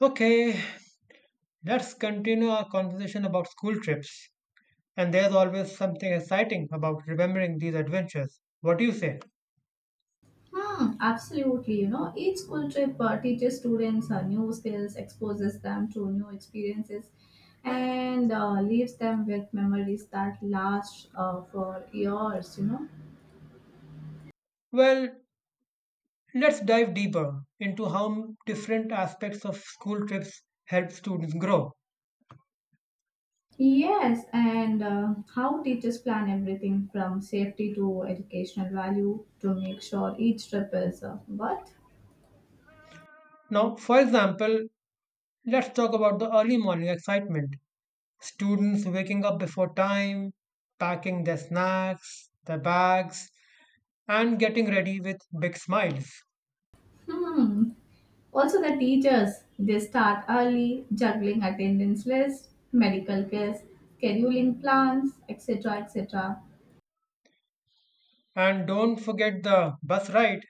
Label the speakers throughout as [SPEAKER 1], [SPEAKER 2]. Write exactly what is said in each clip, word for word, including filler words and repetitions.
[SPEAKER 1] Okay, let's continue our conversation about school trips. And there's always something exciting about remembering these adventures. What do you say?
[SPEAKER 2] Hmm, absolutely. You know, each school trip uh, teaches students uh, new skills, exposes them to new experiences, and uh, leaves them with memories that last uh, for years, you know.
[SPEAKER 1] Well, let's dive deeper into how different aspects of school trips help students grow.
[SPEAKER 2] Yes, and uh, how teachers plan everything from safety to educational value to make sure each trip is uh, worth.
[SPEAKER 1] Now, for example, let's talk about the early morning excitement. Students waking up before time, packing their snacks, their bags, and getting ready with big smiles.
[SPEAKER 2] Hmm. Also, the teachers they start early, juggling attendance lists, medical cares, scheduling plans, et cetera et cetera.
[SPEAKER 1] And don't forget the bus ride.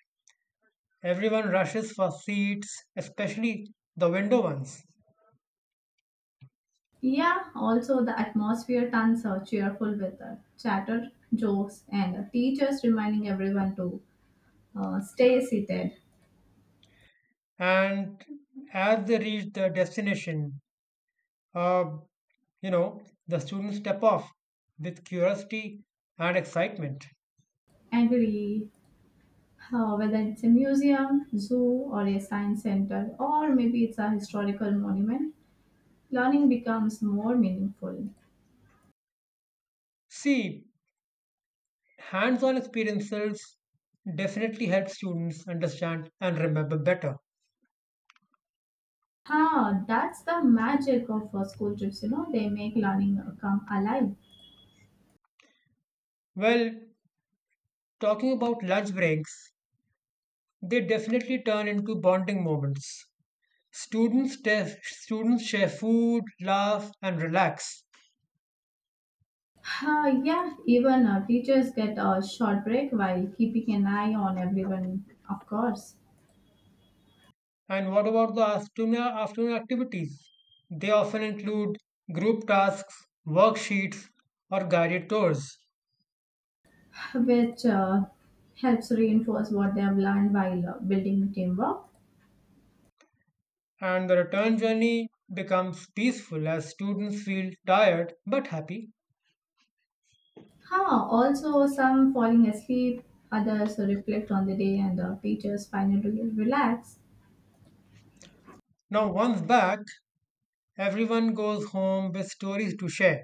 [SPEAKER 1] Everyone rushes for seats, especially the window ones.
[SPEAKER 2] Yeah, also the atmosphere turns a cheerful with the chatter, jokes, and teachers reminding everyone to uh, stay seated.
[SPEAKER 1] And as they reach the destination, uh, you know, the students step off with curiosity and excitement.
[SPEAKER 2] Agree. Uh, whether it's a museum, zoo, or a science center, or maybe it's a historical monument, learning becomes more meaningful.
[SPEAKER 1] See, hands-on experiences definitely help students understand and remember better.
[SPEAKER 2] Huh, that's the magic of uh, school trips, you know, they make learning uh, come alive.
[SPEAKER 1] Well, talking about lunch breaks, they definitely turn into bonding moments. Students, te- students share food, laugh, and relax.
[SPEAKER 2] Huh, yeah, even uh, teachers get a short break while keeping an eye on everyone, of course,
[SPEAKER 1] And what about the afternoon, afternoon activities? They often include group tasks, worksheets, or guided tours.
[SPEAKER 2] which uh, helps reinforce what they have learned while uh, building teamwork.
[SPEAKER 1] And the return journey becomes peaceful as students feel tired but happy.
[SPEAKER 2] Huh. Also, some falling asleep, others reflect on the day, and uh, teachers finally relax.
[SPEAKER 1] Now, once back, everyone goes home with stories to share.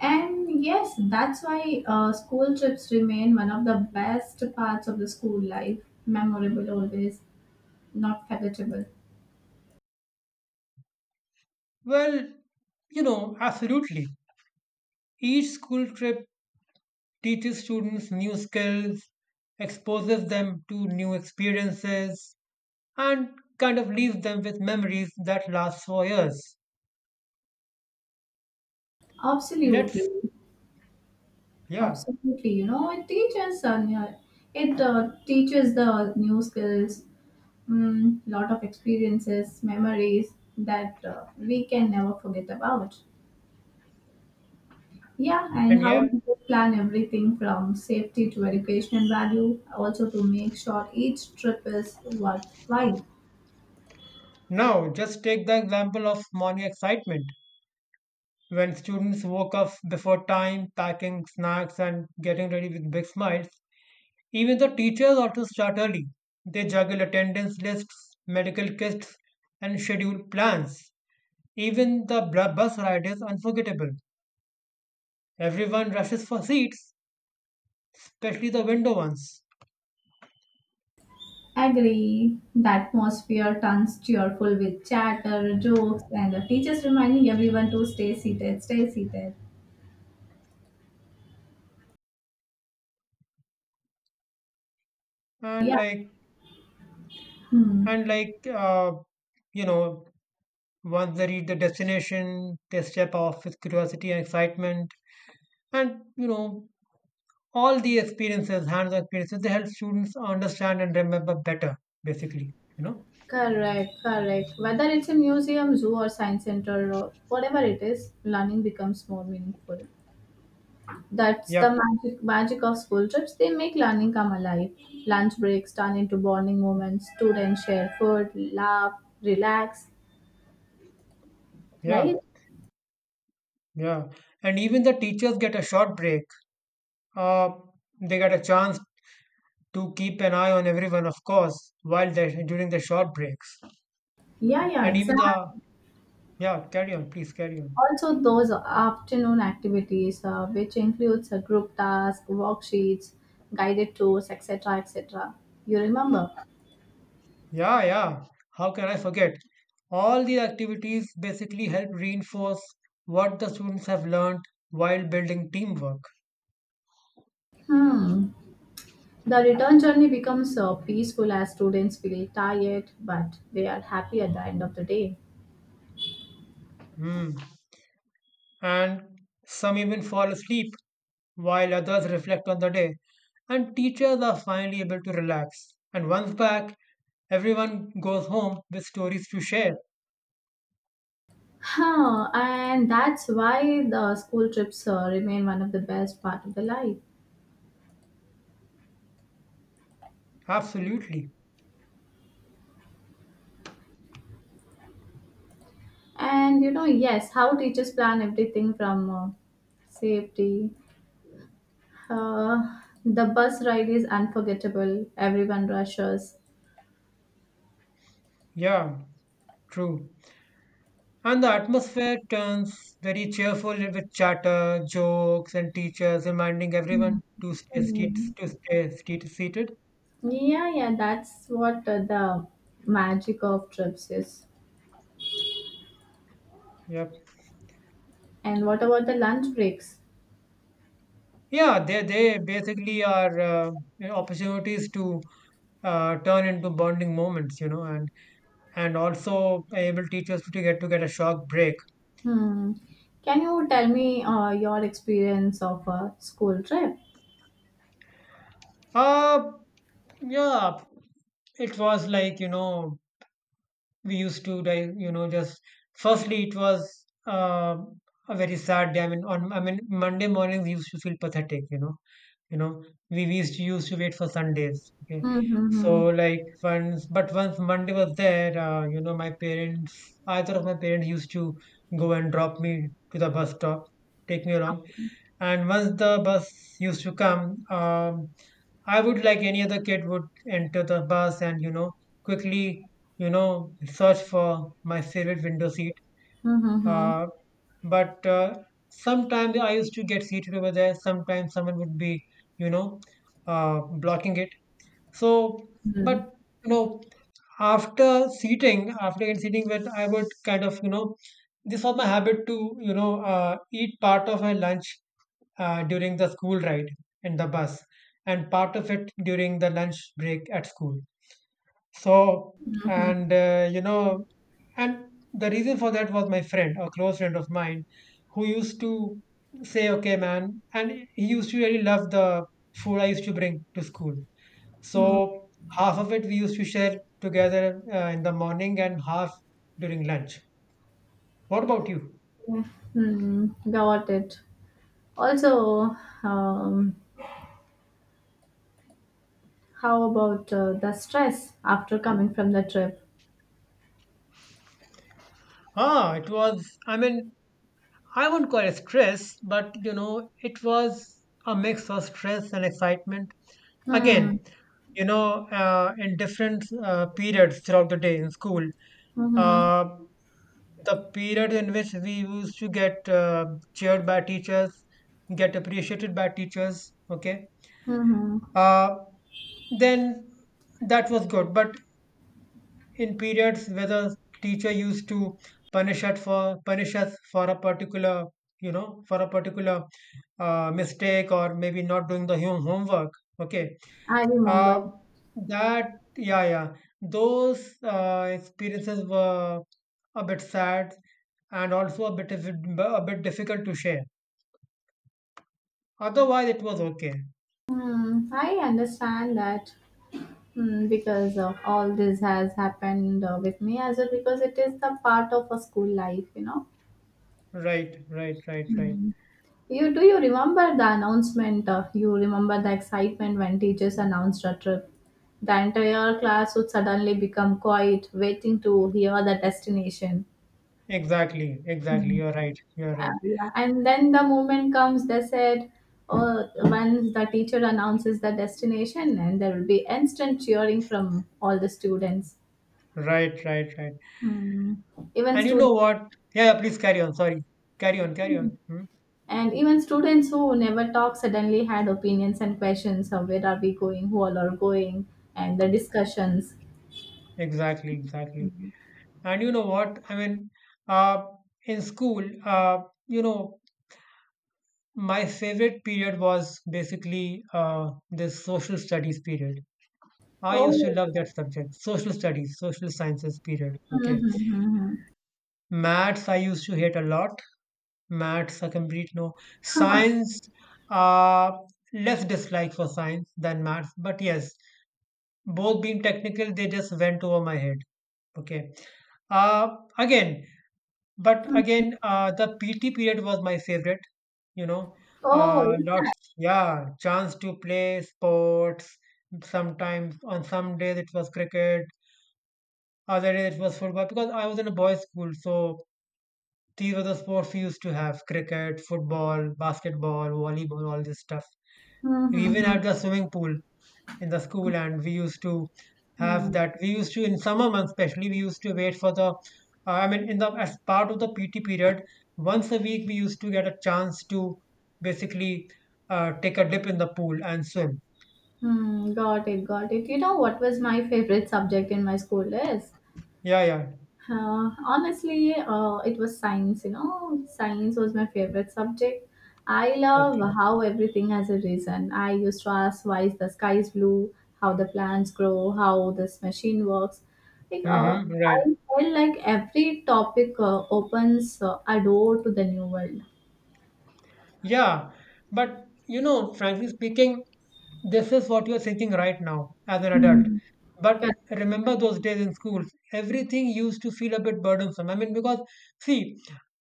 [SPEAKER 2] And yes, that's why uh, school trips remain one of the best parts of the school life. Memorable always, not forgettable.
[SPEAKER 1] Well, you know, absolutely. Each school trip teaches students new skills, exposes them to new experiences, and kind of leaves them with memories that last for years.
[SPEAKER 2] Absolutely,
[SPEAKER 1] Let's, yeah,
[SPEAKER 2] absolutely. You know, it teaches uh, ne- it uh, teaches the new skills, mm, lot of experiences, memories that uh, we can never forget about. Yeah, and
[SPEAKER 1] and
[SPEAKER 2] how
[SPEAKER 1] yeah.
[SPEAKER 2] to plan everything from safety to educational value, also to make sure each trip is worthwhile.
[SPEAKER 1] Now, just take the example of morning excitement when students woke up before time, packing snacks, and getting ready with big smiles. Even the teachers ought to start early. They juggle attendance lists, medical kits, and schedule plans. Even the bra- bus ride is unforgettable. Everyone rushes for seats, especially the window ones.
[SPEAKER 2] Agree. The atmosphere turns cheerful with chatter, jokes, and the teachers reminding everyone to stay seated, stay seated.
[SPEAKER 1] And
[SPEAKER 2] Yeah.
[SPEAKER 1] like
[SPEAKER 2] Hmm.
[SPEAKER 1] and like uh, you know once they reach the destination, they step off with curiosity and excitement. And you know all the experiences hands-on experiences, they help students understand and remember better, basically you know
[SPEAKER 2] Correct, correct. Whether it's a museum, zoo, or science center, or whatever it is, learning becomes more meaningful. That's the
[SPEAKER 1] Yep.
[SPEAKER 2] magic magic of school trips. They make learning come alive. Lunch breaks turn into bonding moments. Students share food, laugh, relax. Right?
[SPEAKER 1] Yeah, yeah, and even the teachers get a short break. uh, they get a chance to keep an eye on everyone, of course, while they during the short breaks.
[SPEAKER 2] Yeah, yeah,
[SPEAKER 1] And even the
[SPEAKER 2] exactly.
[SPEAKER 1] yeah Carry on, please carry on.
[SPEAKER 2] Also, those afternoon activities, uh, which includes a group task, worksheets, guided tours, et cetera, et cetera. You remember?
[SPEAKER 1] Yeah, yeah. How can I forget? All these activities basically help reinforce what the students have learned while building teamwork.
[SPEAKER 2] Hmm. The return journey becomes uh, peaceful as students feel tired, but they are happy at the end of the day.
[SPEAKER 1] Hmm. And some even fall asleep while others reflect on the day. And teachers are finally able to relax. And once back, everyone goes home with stories to share.
[SPEAKER 2] Huh, and that's why the school trips uh, remain one of the best part of the life.
[SPEAKER 1] Absolutely.
[SPEAKER 2] And you know, yes, how teachers plan everything from uh, safety. Uh, the bus ride is unforgettable. Everyone rushes.
[SPEAKER 1] Yeah, true. And the atmosphere turns very cheerful with chatter, jokes, and teachers reminding
[SPEAKER 2] Mm.
[SPEAKER 1] everyone to stay seat,
[SPEAKER 2] Mm.
[SPEAKER 1] to stay seat, seated.
[SPEAKER 2] Yeah, yeah, that's what uh, the magic of trips is.
[SPEAKER 1] Yep.
[SPEAKER 2] And what about the lunch breaks?
[SPEAKER 1] Yeah, they they basically are, uh, you know, opportunities to, uh, turn into bonding moments, you know, and and also able teachers to get to get a short break.
[SPEAKER 2] Hmm. Can you tell me uh, your experience of a school trip?
[SPEAKER 1] Uh yeah, it was like, you know we used to, like, you know just firstly it was, uh, a very sad day. I mean, on i mean Monday mornings we used to feel pathetic, you know you know we, we used to used to wait for Sundays, okay?
[SPEAKER 2] Mm-hmm.
[SPEAKER 1] So like once, but once Monday was there, uh, you know, my parents, either of my parents used to go and drop me to the bus stop, take me along. And once the bus used to come, um, I would, like any other kid would, enter the bus and, you know quickly, you know search for my favorite window seat.
[SPEAKER 2] Mm-hmm.
[SPEAKER 1] Uh, but uh, Sometimes I used to get seated over there, sometimes someone would be, you know uh, blocking it. So but, you know after seating, after getting seating, when I would kind of, you know this was my habit to, you know uh, eat part of my lunch, uh, during the school ride in the bus, and part of it during the lunch break at school. So
[SPEAKER 2] Mm-hmm.
[SPEAKER 1] and uh, you know and the reason for that was my friend, a close friend of mine, who used to say, okay man, and he used to really love the food I used to bring to school. So half of it we used to share together, uh, in the morning, and half during lunch. What about you?
[SPEAKER 2] Okay. Hmm. Got it. Also, um, how about uh, the stress after coming from the trip?
[SPEAKER 1] Ah, it was, I mean, I won't call it stress, but you know, it was a mix of stress and excitement.
[SPEAKER 2] Hmm.
[SPEAKER 1] Again, you know, uh, in different uh, periods throughout the day in school,
[SPEAKER 2] Mhm.
[SPEAKER 1] uh, the period in which we used to get uh, cheered by teachers, get appreciated by teachers, okay,
[SPEAKER 2] Mhm.
[SPEAKER 1] uh, then that was good. But in periods where the teacher used to punish us for punish us for a particular, you know for a particular uh, mistake, or maybe not doing the home homework, okay,
[SPEAKER 2] I remember.
[SPEAKER 1] uh, that yeah, yeah, those uh, experiences were a bit sad, and also a bit a bit difficult to share. Otherwise it was okay.
[SPEAKER 2] Hmm. I understand that. Hmm. Because of all this has happened uh, with me as well, because it is the part of a school life, you know.
[SPEAKER 1] Right, right, right, right.
[SPEAKER 2] Hmm. You do you remember the announcement? Uh, you remember the excitement when teachers announced a trip. The entire class would suddenly become quiet, waiting to hear the destination.
[SPEAKER 1] Exactly, exactly,
[SPEAKER 2] Hmm.
[SPEAKER 1] you're right, you're
[SPEAKER 2] Uh,
[SPEAKER 1] right.
[SPEAKER 2] yeah. And then the moment comes, they said, oh, once the teacher announces the destination, and there will be instant cheering from all the students.
[SPEAKER 1] Right, right, right.
[SPEAKER 2] Hmm. Even
[SPEAKER 1] And you know
[SPEAKER 2] students
[SPEAKER 1] what? Yeah, yeah, please carry on. Sorry. Carry on, carry on. Hmm?
[SPEAKER 2] and even students who never talk suddenly had opinions and questions of where are we going, who all are going, and the discussions.
[SPEAKER 1] Exactly, exactly. And you know what? I mean, uh, in school, uh, you know, my favorite period was basically, uh, this social studies period. I used to
[SPEAKER 2] Oh,
[SPEAKER 1] love that subject, social studies, social sciences period. Okay.
[SPEAKER 2] mm-hmm.
[SPEAKER 1] Maths, I used to hate a lot. Maths, a complete no. Science, uh, less dislike for science than maths. But yes, both being technical, they just went over my head. Okay. Uh, again, but again, uh, the P T period was my favorite, you know. Uh,
[SPEAKER 2] Oh,
[SPEAKER 1] lots, yeah, chance to play sports. Sometimes on some days it was cricket, other days it was football, because I was in a boys' school, so these were the sports we used to have: cricket, football, basketball, volleyball, all this stuff. We even
[SPEAKER 2] mm-hmm.
[SPEAKER 1] had the swimming pool in the school, and we used to have
[SPEAKER 2] Hmm.
[SPEAKER 1] that. We used to, in summer months especially, we used to wait for the, uh, I mean, in the as part of the P T period, once a week we used to get a chance to basically, uh, take a dip in the pool and swim.
[SPEAKER 2] Hmm, got it, got it. You know what was my favorite subject in my school is?
[SPEAKER 1] Yeah, yeah.
[SPEAKER 2] Uh, honestly, uh, it was science, you know. Science was my favorite subject. I love
[SPEAKER 1] Okay.
[SPEAKER 2] how everything has a reason. I used to ask why is the sky is blue, how the plants grow, how this machine works. Like, uh,
[SPEAKER 1] Mm-hmm. Right.
[SPEAKER 2] I felt like every topic uh, opens uh, a door to the new world.
[SPEAKER 1] Yeah, but you know, frankly speaking, this is what you're thinking right now as an adult.
[SPEAKER 2] Hmm.
[SPEAKER 1] But
[SPEAKER 2] Correct.
[SPEAKER 1] remember those days in schools, everything used to feel a bit burdensome. I mean, because see,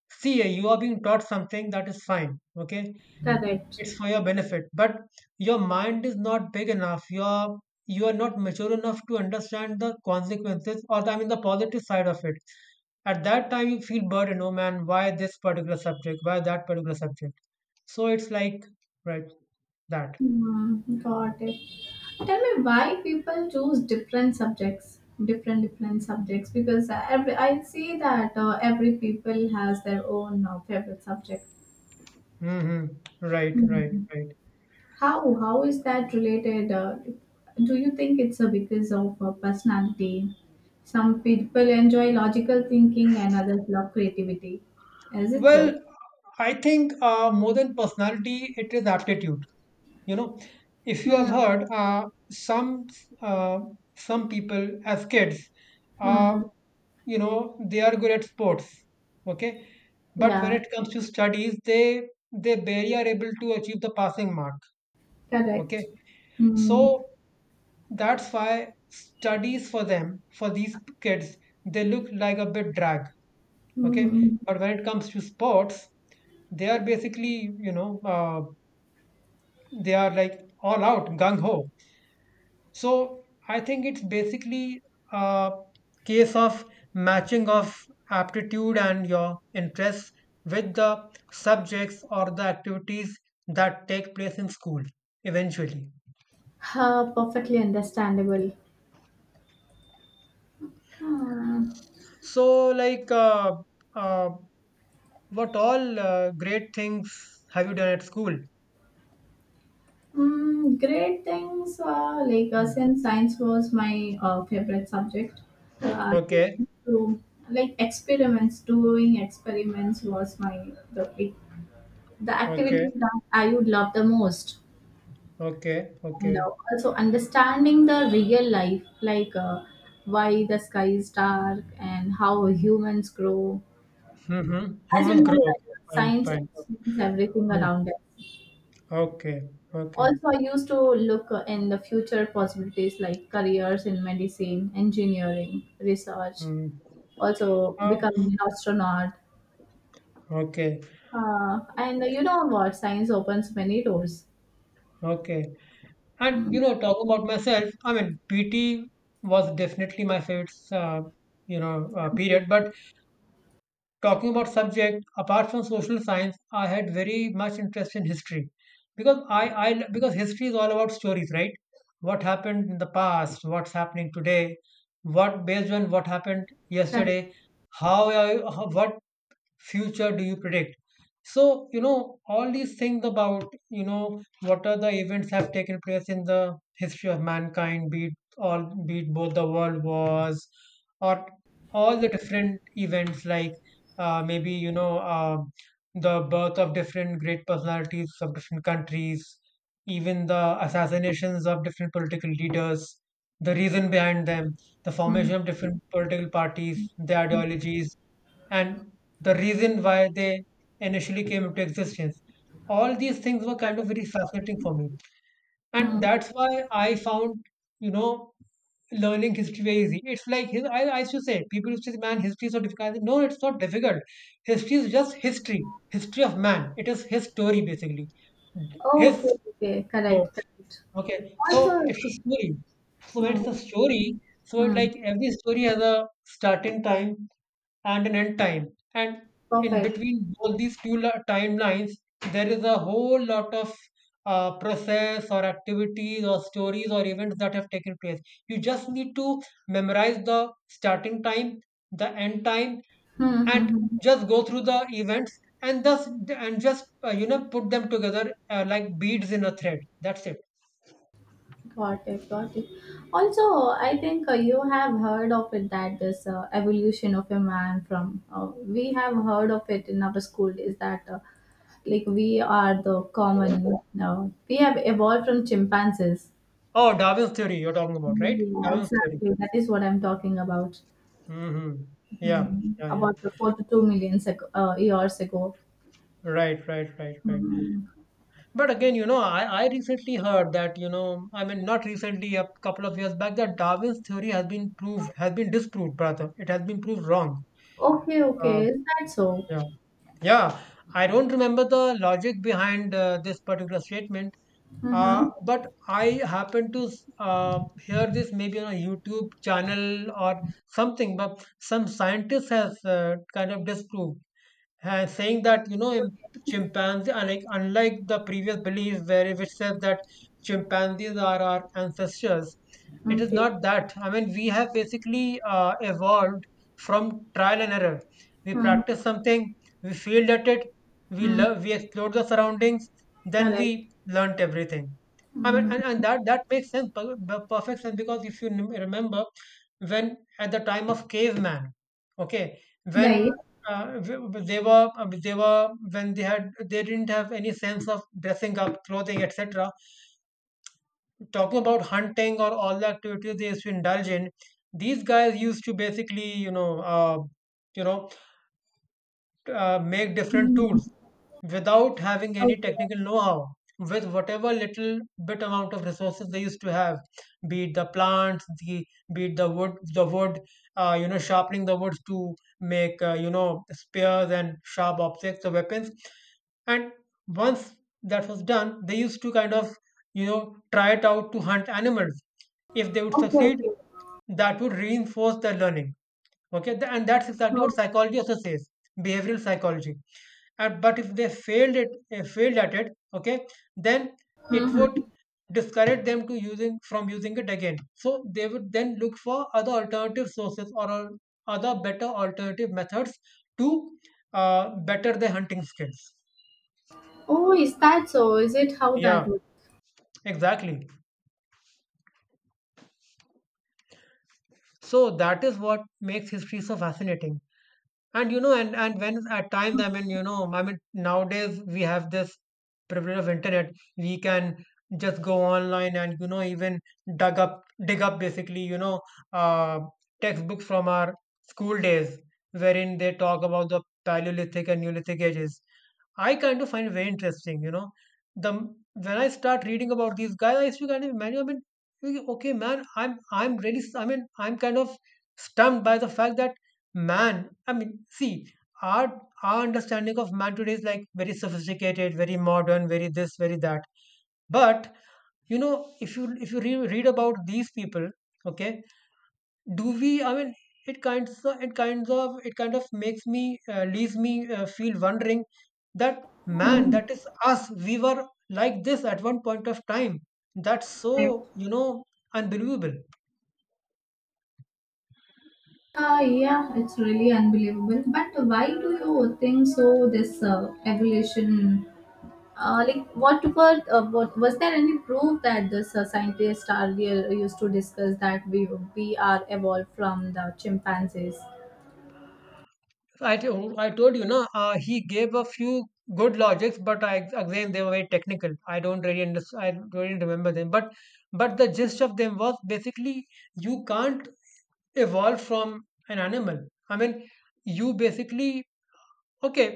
[SPEAKER 1] see, you are being taught something, that is fine, okay?
[SPEAKER 2] Correct.
[SPEAKER 1] It's for your benefit, but your mind is not big enough. You're you are not mature enough to understand the consequences, or the, I mean the positive side of it. At that time, you feel burdened. Oh man, why this particular subject? Why that particular subject? So it's like right that.
[SPEAKER 2] Mm, got it. Tell me why people choose different subjects, different different subjects. Because every I see that uh, every people has their own uh, favorite subject.
[SPEAKER 1] Hmm. Right, right,
[SPEAKER 2] Mm.
[SPEAKER 1] right.
[SPEAKER 2] How how is that related? Uh, do you think it's uh, because of uh, personality? Some people enjoy logical thinking and others love creativity. Is it so?
[SPEAKER 1] Well, I think, uh, more than personality, it is aptitude. You know, if you have heard, uh, some uh, some people as kids, uh,
[SPEAKER 2] Hmm.
[SPEAKER 1] you know, they are good at sports, okay, but when
[SPEAKER 2] Yeah.
[SPEAKER 1] it comes to studies, they they barely are able to achieve the passing mark, okay.
[SPEAKER 2] Correct. Mm.
[SPEAKER 1] So that's why studies for them, for these kids, they look like a bit drag, okay.
[SPEAKER 2] Mm-hmm.
[SPEAKER 1] But when it comes to sports, they are basically, you know uh, they are like all out gung ho. So I think it's basically a case of matching of aptitude and your interests with the subjects or the activities that take place in school eventually.
[SPEAKER 2] Uh, perfectly understandable. Hmm.
[SPEAKER 1] So, like, uh, uh, what all uh, great things have you done at school?
[SPEAKER 2] Mm, great things uh, like uh,
[SPEAKER 1] Hmm.
[SPEAKER 2] since science was my uh, favorite subject, uh,
[SPEAKER 1] Okay,
[SPEAKER 2] to like experiments doing experiments was my the like, the
[SPEAKER 1] okay,
[SPEAKER 2] activity that I would love the most,
[SPEAKER 1] okay,
[SPEAKER 2] and
[SPEAKER 1] okay.
[SPEAKER 2] uh, also understanding the real life, like uh, why the sky is dark and how humans grow,
[SPEAKER 1] Mm-hmm.
[SPEAKER 2] as
[SPEAKER 1] Humans
[SPEAKER 2] you
[SPEAKER 1] grow.
[SPEAKER 2] know that
[SPEAKER 1] Okay, fine,
[SPEAKER 2] science
[SPEAKER 1] fine.
[SPEAKER 2] explains everything
[SPEAKER 1] Mm.
[SPEAKER 2] around us.
[SPEAKER 1] Okay, okay.
[SPEAKER 2] Also, I used to look uh, in the future possibilities like careers in medicine, engineering, research,
[SPEAKER 1] Mm.
[SPEAKER 2] also
[SPEAKER 1] Uh,
[SPEAKER 2] becoming an astronaut.
[SPEAKER 1] okay.
[SPEAKER 2] Uh, and you know what? Science opens many doors.
[SPEAKER 1] Okay. And you
[SPEAKER 2] Mm,
[SPEAKER 1] know, talking about myself, I mean, P T was definitely my favorite, uh, you know, uh, period. But talking about subject, apart from social science, I had very much interest in history, because I, I, because history is all about stories, right? What happened in the past, what's happening today, what based on what happened
[SPEAKER 2] correct.
[SPEAKER 1] yesterday, how, I, how what future do you predict? So, you know, all these things about, you know, what are the events have taken place in the history of mankind, be it all be it both the world wars, or all the different events, like uh, maybe, you know, uh, the birth of different great personalities of different countries, even the assassinations of different political leaders, the reason behind them, the
[SPEAKER 2] Mm.
[SPEAKER 1] formation of different political parties, their ideologies, and the reason why they initially came into existence. All these things were kind of very fascinating for me. And that's why I found, you know, learning history very easy. It's like his, I, I used to say, people used to say, man, history is so difficult. I said, no, it's not difficult. History is just history, history of man. It is his story basically.
[SPEAKER 2] Okay,
[SPEAKER 1] His
[SPEAKER 2] okay,
[SPEAKER 1] so
[SPEAKER 2] correct, correct.
[SPEAKER 1] Okay, so
[SPEAKER 2] Also,
[SPEAKER 1] it's a story. So when it's
[SPEAKER 2] mm,
[SPEAKER 1] a story. So it,
[SPEAKER 2] mm,
[SPEAKER 1] like every story has a starting time and an end time. And in
[SPEAKER 2] perfect.
[SPEAKER 1] between all these two la- timelines, there is a whole lot of uh, process or activities or stories or events that have taken place. You just need to memorize the starting time, the end time,
[SPEAKER 2] Hmm, hmm,
[SPEAKER 1] and
[SPEAKER 2] hmm.
[SPEAKER 1] just go through the events and thus and just uh, you know put them together, uh, like beads in a thread. That's it.
[SPEAKER 2] Got it, got it. Also, I think uh, you have heard of it that this uh, evolution of a man from uh, we have heard of it in our school is that uh, like we are the common now we have evolved from chimpanzees.
[SPEAKER 1] Oh, Darwin's theory you're talking about, right?
[SPEAKER 2] Yeah,
[SPEAKER 1] Darwin's theory.
[SPEAKER 2] exactly, that is what I'm talking about.
[SPEAKER 1] Mm-hmm. Yeah,
[SPEAKER 2] Hmm,
[SPEAKER 1] yeah, yeah.
[SPEAKER 2] about the four to two million sec- uh, years ago.
[SPEAKER 1] Right, right, right, right.
[SPEAKER 2] Hmm.
[SPEAKER 1] But again, you know, I, I recently heard that, you know, I mean, not recently, a couple of years back, that Darwin's theory has been proved, has been disproved, brother. It has been proved wrong.
[SPEAKER 2] Okay, okay,
[SPEAKER 1] Uh,
[SPEAKER 2] is that so?
[SPEAKER 1] yeah. Yeah, I don't remember the logic behind uh, this particular statement,
[SPEAKER 2] Mm-hmm.
[SPEAKER 1] uh, but I happened to s- uh, hear this maybe on a YouTube channel or something, but some scientist has uh, kind of disproved, ha- saying that, you know, im- chimpanzee, unlike, unlike the previous belief, where which says that chimpanzees are our ancestors. It is
[SPEAKER 2] Okay.
[SPEAKER 1] not that. I mean, we have basically uh, evolved from trial and error. We
[SPEAKER 2] Mm-hmm.
[SPEAKER 1] practice something, we failed at it, we
[SPEAKER 2] Hmm.
[SPEAKER 1] love we explored the surroundings, then
[SPEAKER 2] Correct.
[SPEAKER 1] we learnt everything. I mean,
[SPEAKER 2] Hmm.
[SPEAKER 1] and, and that that makes sense per- per- perfect sense, because if you n- remember when at the time of caveman, okay, when,
[SPEAKER 2] Right.
[SPEAKER 1] uh, w- w- they were, uh, they were when they had, they didn't have any sense of dressing up, clothing, etc., talking about hunting or all the activities they used to indulge in, these guys used to basically, you know, uh, you know, uh, make different
[SPEAKER 2] Hmm.
[SPEAKER 1] tools without having any
[SPEAKER 2] Okay,
[SPEAKER 1] technical know-how, with whatever little bit amount of resources they used to have, be it the plants, the, be it the wood the wood, uh, you know, sharpening the woods to make, uh, you know, spears and sharp objects or weapons. And once that was done, they used to kind of, you know, try it out to hunt animals. If they would
[SPEAKER 2] okay,
[SPEAKER 1] succeed,
[SPEAKER 2] okay.
[SPEAKER 1] that would reinforce their learning. Okay. Th- and that's exactly what
[SPEAKER 2] Hmm.
[SPEAKER 1] psychology also says. Behavioral psychology. And, but if they failed it uh, failed at it, okay, then it would
[SPEAKER 2] Mhm.
[SPEAKER 1] discourage them to using, from using it again, so they would then look for other alternative sources, or al- other better alternative methods to, uh, better their hunting skills.
[SPEAKER 2] Oh, is that so? Is it how that
[SPEAKER 1] Yeah,
[SPEAKER 2] works?
[SPEAKER 1] exactly. So that is what makes history so fascinating. And, you know, and and when at times, I mean, you know, I mean, nowadays we have this privilege of internet. We can just go online and, you know, even dug up dig up, basically, you know, uh, textbooks from our school days, wherein they talk about the Paleolithic and Neolithic ages. I kind of find it very interesting, you know. The m- when I start reading about these guys, I used to kind of imagine, I mean, okay, man, I'm I'm really, I mean, I'm kind of stumped by the fact that man, I mean, see, our our understanding of man today is like very sophisticated, very modern, very this, very that. But, you know, if you if you re- read about these people, okay, do we, I mean, it kinds of, it kinds of it kind of makes me, uh, leaves me, uh, feel wondering that man,
[SPEAKER 2] Hmm.
[SPEAKER 1] that is us, we were like this at one point of time. That's so, you know, unbelievable.
[SPEAKER 2] Uh, yeah, it's really unbelievable. But why do you think so? This uh, evolution, uh, like what were uh, what was there any proof that this uh, scientists are real used to discuss that we we are evolved from the chimpanzees?
[SPEAKER 1] I, to- I told you, no, uh, he gave a few good logics, but I, again, they were very technical. I don't really understand. I don't really remember them. But but the gist of them was, basically, you can't evolve from an animal. I mean, you basically, okay,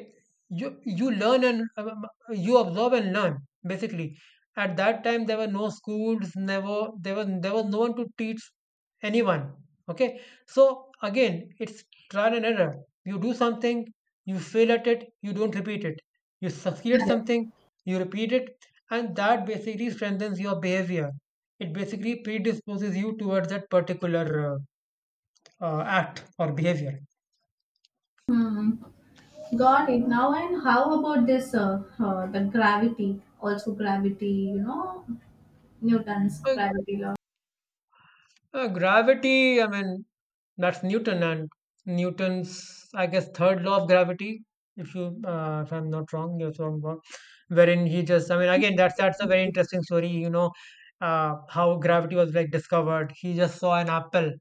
[SPEAKER 1] you you learn and, um, you observe and learn. Basically, at that time there were no schools, never, there was there was no one to teach anyone. Okay, so again it's trial and error. You do something, you fail at it, you don't repeat it. You succeed at
[SPEAKER 2] Correct.
[SPEAKER 1] something, you repeat it, and that basically strengthens your behavior. It basically predisposes you towards that particular, uh, uh, act or behavior.
[SPEAKER 2] Hmm. Got it. Now and how about this? Uh, uh, the gravity, also gravity. You know, Newton's gravity law.
[SPEAKER 1] Uh, gravity, I mean, that's Newton and Newton's, I guess, third law of gravity. If you, uh, if I'm not wrong, you're wrong about, wherein he just, I mean, again, that's, that's a very interesting story. You know, uh, how gravity was like discovered. He just saw an apple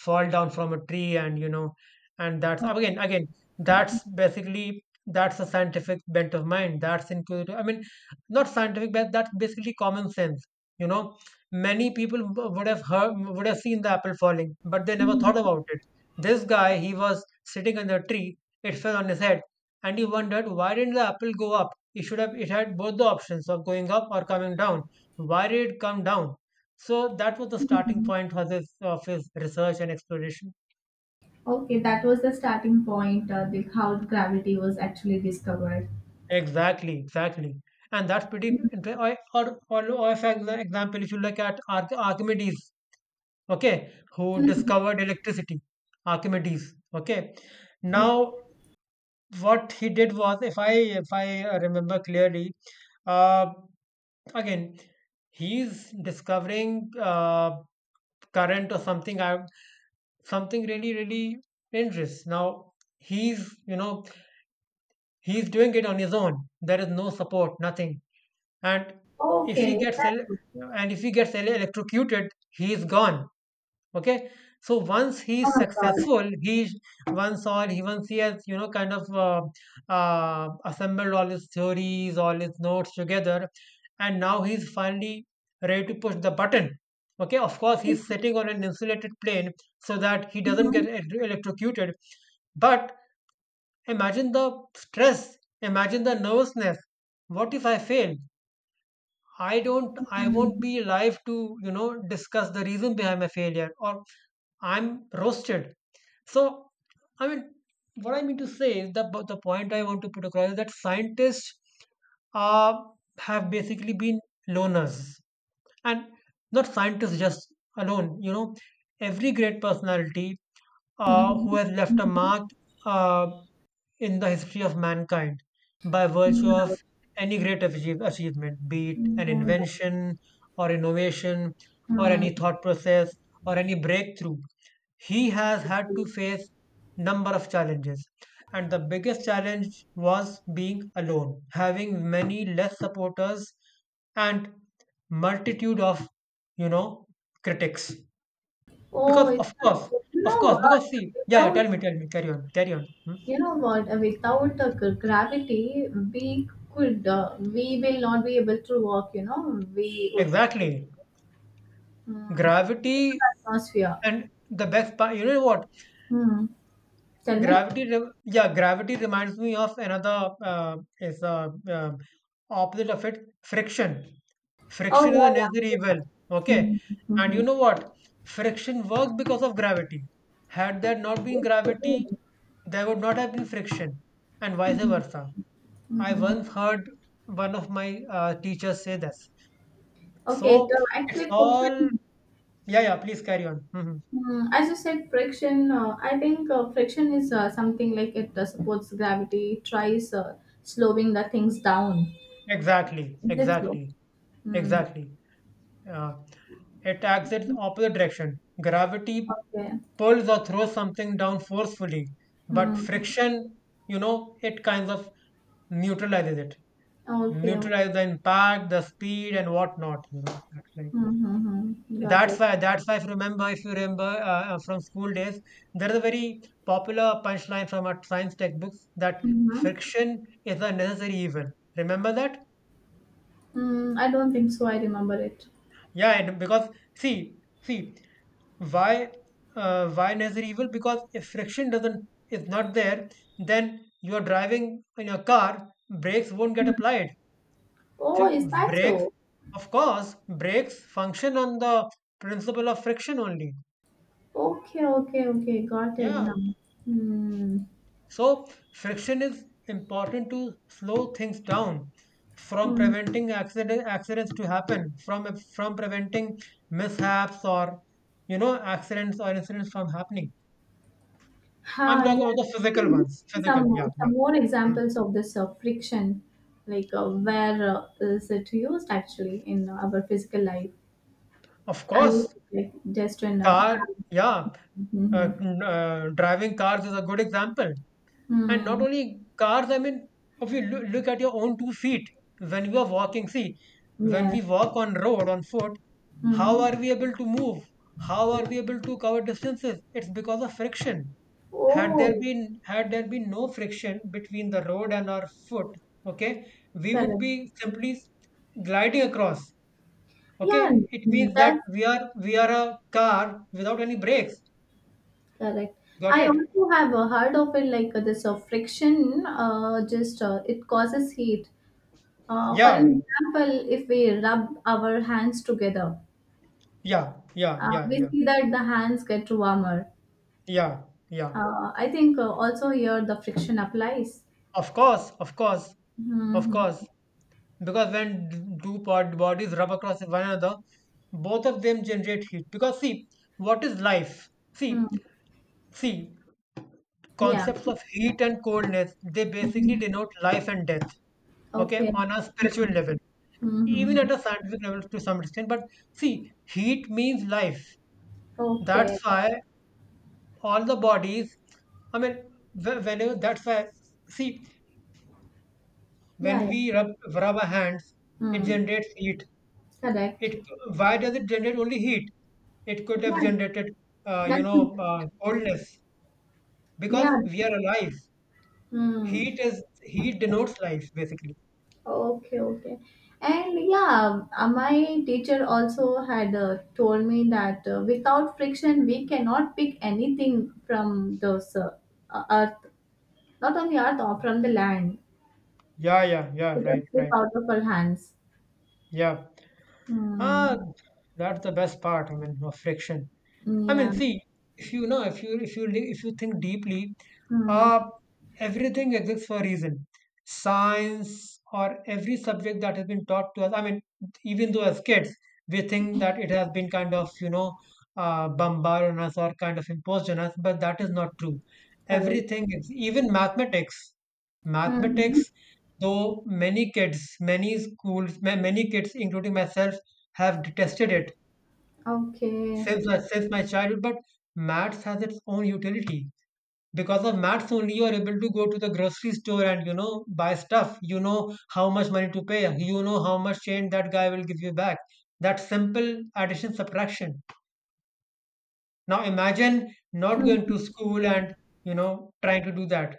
[SPEAKER 1] fall down from a tree, and, you know, and that's, again, again, that's basically, that's a scientific bent of mind. That's included. I mean, not scientific, but that's basically common sense. You know, many people w- would have heard, would have seen the apple falling, but they never
[SPEAKER 2] Hmm.
[SPEAKER 1] thought about it. This guy, he was sitting on the tree. It fell on his head, and he wondered, why didn't the apple go up? It should have. It had both the options of going up or coming down. Why did it come down? So that was the starting point for this of his research and exploration.
[SPEAKER 2] Okay, that was the starting point, uh, the, how gravity was actually discovered.
[SPEAKER 1] Exactly, exactly. And that's pretty interesting. Or, or, or, or if exa- example, if you look at Arch- Archimedes, okay, who
[SPEAKER 2] Mhm.
[SPEAKER 1] discovered electricity, Archimedes, okay.
[SPEAKER 2] Okay.
[SPEAKER 1] Now, what he did was, if I, if I uh, remember clearly, uh, again, he's discovering, uh, current or something, I, something really really dangerous. Now he's, you know, he's doing it on his own. There is no support, nothing, and if he
[SPEAKER 2] Okay,
[SPEAKER 1] gets
[SPEAKER 2] that's
[SPEAKER 1] el-
[SPEAKER 2] good.
[SPEAKER 1] and if he gets ele- electrocuted, he is gone. Okay, so once
[SPEAKER 2] Oh
[SPEAKER 1] he's
[SPEAKER 2] my God.
[SPEAKER 1] successful, he, once or he once he has, you know, kind of, uh, uh, assembled all his theories, all his notes together, and now he's finally ready to push the button. Okay, of course he's sitting on an insulated plane so that he doesn't get
[SPEAKER 2] Mhm.
[SPEAKER 1] elec- electrocuted. But imagine the stress, imagine the nervousness. What if I fail? i don't I
[SPEAKER 2] Mhm.
[SPEAKER 1] won't be live to, you know, discuss the reason behind my failure, or I'm roasted. So, I mean, what I mean to say is, the the point I want to put across is that scientists, uh, have basically been loners. And not scientists just alone, you know, every great personality, uh,
[SPEAKER 2] Mhm.
[SPEAKER 1] who has left a
[SPEAKER 2] Mhm.
[SPEAKER 1] mark, uh, in the history of mankind, by virtue of
[SPEAKER 2] Mhm.
[SPEAKER 1] any great achieve- achievement, be it an
[SPEAKER 2] Mhm.
[SPEAKER 1] invention or innovation, or
[SPEAKER 2] Mhm.
[SPEAKER 1] any thought process, or any breakthrough, he has had to face number of challenges. And the biggest challenge was being alone, having many less supporters, and multitude of, you know, critics.
[SPEAKER 2] Oh,
[SPEAKER 1] Because,
[SPEAKER 2] it's
[SPEAKER 1] of
[SPEAKER 2] that
[SPEAKER 1] course,
[SPEAKER 2] good? You
[SPEAKER 1] of
[SPEAKER 2] know
[SPEAKER 1] course,
[SPEAKER 2] what?
[SPEAKER 1] because, see, yeah, yeah,
[SPEAKER 2] Without
[SPEAKER 1] tell me, tell me, carry on, carry on. Hmm?
[SPEAKER 2] you know what? uh, Without uh, gra- gravity, we could uh, we will not be able to walk. You know, we would.
[SPEAKER 1] Exactly.
[SPEAKER 2] Hmm. It's an
[SPEAKER 1] Gravity,
[SPEAKER 2] atmosphere.
[SPEAKER 1] and the best part, you know what?
[SPEAKER 2] Hmm. Tell me.
[SPEAKER 1] Gravity, re- yeah, gravity reminds me of another, uh, is a uh, um, opposite of it, friction.
[SPEAKER 2] Oh
[SPEAKER 1] Friction is a
[SPEAKER 2] yeah,
[SPEAKER 1] necessary evil.
[SPEAKER 2] yeah.
[SPEAKER 1] Okay,
[SPEAKER 2] Mhm,
[SPEAKER 1] and you
[SPEAKER 2] mhm.
[SPEAKER 1] know what? Friction works because of gravity. Had there not been gravity,
[SPEAKER 2] Okay.
[SPEAKER 1] there would not have been friction, and vice
[SPEAKER 2] Mhm,
[SPEAKER 1] versa. I
[SPEAKER 2] mhm.
[SPEAKER 1] once heard one of my, uh, teachers say this.
[SPEAKER 2] Okay, so
[SPEAKER 1] So it's
[SPEAKER 2] actually
[SPEAKER 1] all,
[SPEAKER 2] friction,
[SPEAKER 1] yeah, yeah. Please carry on. Hmm.
[SPEAKER 2] mm, as you said, friction, uh, I think uh, friction is uh, something like it uh, supports gravity, it tries uh, slowing the things down.
[SPEAKER 1] Exactly,
[SPEAKER 2] Is it so?
[SPEAKER 1] exactly,
[SPEAKER 2] Mm,
[SPEAKER 1] exactly. Uh, it acts in opposite direction. Gravity
[SPEAKER 2] okay.
[SPEAKER 1] pulls or throws something down forcefully, but
[SPEAKER 2] Mm,
[SPEAKER 1] friction, you know, it kind of neutralizes it,
[SPEAKER 2] okay.
[SPEAKER 1] neutralizes the impact, the speed, and whatnot. You know, that's like,
[SPEAKER 2] Mm-hmm. Got
[SPEAKER 1] that's
[SPEAKER 2] it.
[SPEAKER 1] why that's why if you remember, if you remember uh, uh, from school days, there is a very popular punchline from our science textbooks, that
[SPEAKER 2] Mm-hmm.
[SPEAKER 1] friction is a necessary evil. Remember that?
[SPEAKER 2] Mm, I don't think so. I remember it.
[SPEAKER 1] Yeah, and because, see, see, why, uh, why nature evil? Because if friction doesn't is not there, then you are driving in your car, brakes won't get
[SPEAKER 2] Mhm.
[SPEAKER 1] applied.
[SPEAKER 2] Oh,
[SPEAKER 1] See,
[SPEAKER 2] is that
[SPEAKER 1] brakes,
[SPEAKER 2] so?
[SPEAKER 1] of course, brakes function on the principle of friction only.
[SPEAKER 2] Okay, okay, okay. Got it
[SPEAKER 1] Yeah,
[SPEAKER 2] now. Hmm.
[SPEAKER 1] so, friction is important to slow things down, from preventing accident, accidents to happen, from from preventing mishaps or, you know, accidents or incidents from happening. I'm
[SPEAKER 2] Ha,
[SPEAKER 1] talking about
[SPEAKER 2] yeah.
[SPEAKER 1] the
[SPEAKER 2] Can
[SPEAKER 1] physical
[SPEAKER 2] you
[SPEAKER 1] ones.
[SPEAKER 2] give me
[SPEAKER 1] Physical,
[SPEAKER 2] some uh,
[SPEAKER 1] yeah, yeah.
[SPEAKER 2] some more
[SPEAKER 1] Mm.
[SPEAKER 2] examples of this uh, friction, like uh, where uh, is it used actually in uh, our physical life?
[SPEAKER 1] Of
[SPEAKER 2] I was
[SPEAKER 1] course,
[SPEAKER 2] like just in uh,
[SPEAKER 1] car,
[SPEAKER 2] car.
[SPEAKER 1] yeah. Uh,
[SPEAKER 2] Mm-hmm.
[SPEAKER 1] n- uh, driving cars is a good example. And not
[SPEAKER 2] Mm,
[SPEAKER 1] only cars, I mean, if you loo- look at your own two feet when you are walking, see, when
[SPEAKER 2] yeah.
[SPEAKER 1] we walk on road on foot, how
[SPEAKER 2] Mm-hmm.
[SPEAKER 1] are we able to move, how are we able to cover distances, it's because of friction. had there
[SPEAKER 2] Oh,
[SPEAKER 1] been Had there been no friction between the road and our foot, okay, we would
[SPEAKER 2] correct.
[SPEAKER 1] be simply s- gliding across.
[SPEAKER 2] Yeah,
[SPEAKER 1] Okay, it means
[SPEAKER 2] that's
[SPEAKER 1] that we are we are a car without any brakes.
[SPEAKER 2] correct.
[SPEAKER 1] Got
[SPEAKER 2] I
[SPEAKER 1] it.
[SPEAKER 2] also have uh, heard of it like uh, this uh, friction. Uh, just uh, it causes heat. Uh, for
[SPEAKER 1] yeah yeah
[SPEAKER 2] an example, if we rub our hands together,
[SPEAKER 1] yeah yeah
[SPEAKER 2] Uh,
[SPEAKER 1] yeah
[SPEAKER 2] we
[SPEAKER 1] yeah
[SPEAKER 2] see that the hands get warmer.
[SPEAKER 1] yeah yeah
[SPEAKER 2] Uh, I think uh, also here the friction applies.
[SPEAKER 1] Of course, of course, of
[SPEAKER 2] Mm-hmm.
[SPEAKER 1] course. Because when d- two pod bodies rub across one another, both of them generate heat. Because, see, what is life? See,
[SPEAKER 2] Hmm.
[SPEAKER 1] see,
[SPEAKER 2] Yeah.
[SPEAKER 1] concepts of heat and coldness, they basically
[SPEAKER 2] Mhm.
[SPEAKER 1] denote life and death, okay,
[SPEAKER 2] Okay.
[SPEAKER 1] on a spiritual level, even
[SPEAKER 2] Mm-hmm.
[SPEAKER 1] at a scientific level to some extent. But see, heat means life. That's
[SPEAKER 2] Okay.
[SPEAKER 1] why all the bodies, I mean, wh- whenever, that's why, see,
[SPEAKER 2] Yeah.
[SPEAKER 1] when
[SPEAKER 2] Yeah.
[SPEAKER 1] we rub, rub our hands, it
[SPEAKER 2] Mm.
[SPEAKER 1] generates heat.
[SPEAKER 2] Correct.
[SPEAKER 1] It, why does it generate only heat? It could
[SPEAKER 2] Yeah.
[SPEAKER 1] have generated, uh, you
[SPEAKER 2] That's
[SPEAKER 1] know,
[SPEAKER 2] interesting.
[SPEAKER 1] uh, coldness,
[SPEAKER 2] Yeah.
[SPEAKER 1] because we are alive.
[SPEAKER 2] Mm.
[SPEAKER 1] Heat is heat denotes life, basically.
[SPEAKER 2] Okay. Okay. And yeah, uh, my teacher also had uh, told me that uh, without friction, we cannot pick anything from those uh, earth. Not on the earth or from the land.
[SPEAKER 1] Yeah, yeah, yeah,
[SPEAKER 2] It will
[SPEAKER 1] right,
[SPEAKER 2] slip
[SPEAKER 1] right.
[SPEAKER 2] out of our hands.
[SPEAKER 1] Yeah.
[SPEAKER 2] Hmm.
[SPEAKER 1] Ah, that's the best part, I mean, of friction.
[SPEAKER 2] Hmm,
[SPEAKER 1] I mean,
[SPEAKER 2] yeah.
[SPEAKER 1] see, if you know, if you if you li- if you think deeply,
[SPEAKER 2] Hmm.
[SPEAKER 1] uh, everything exists for a reason. Science, or every subject that has been taught to us. I mean, even though as kids we think that it has been kind of, you know, uh, bombarded on us or kind of imposed on us, but that is not true.
[SPEAKER 2] Correct.
[SPEAKER 1] Everything is, even mathematics,
[SPEAKER 2] Mm-hmm.
[SPEAKER 1] mathematics. Though many kids, many schools, ma- many kids, including myself, have detested it
[SPEAKER 2] Okay.
[SPEAKER 1] since my, since my childhood, but maths has its own utility. Because of maths only, you are able to go to the grocery store and, you know, buy stuff. You know how much money to pay. You know how much change that guy will give you back. That simple addition, subtraction. Now imagine not going
[SPEAKER 2] Mm-hmm.
[SPEAKER 1] to school and, you know, trying to do that.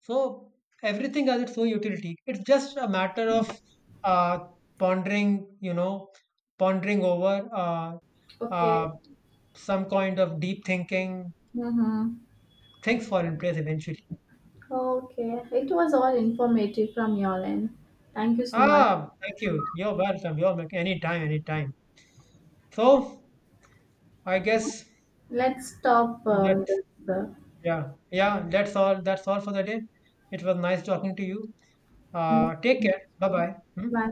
[SPEAKER 1] So everything has its own utility. It's just a matter of, uh, pondering, you know, pondering over, uh,
[SPEAKER 2] Okay.
[SPEAKER 1] uh, some kind of deep thinking.
[SPEAKER 2] Mm-hmm.
[SPEAKER 1] Things fall in place eventually.
[SPEAKER 2] Okay. It was all informative from your end. Thank you so much.
[SPEAKER 1] Ah, thank you. You're welcome. You're welcome. Anytime, anytime. So I guess
[SPEAKER 2] Let's stop uh,
[SPEAKER 1] that,
[SPEAKER 2] this. Uh,
[SPEAKER 1] yeah, yeah. That's all. That's all for the day. It was nice talking to you. Uh, take care. Bye bye.
[SPEAKER 2] Bye.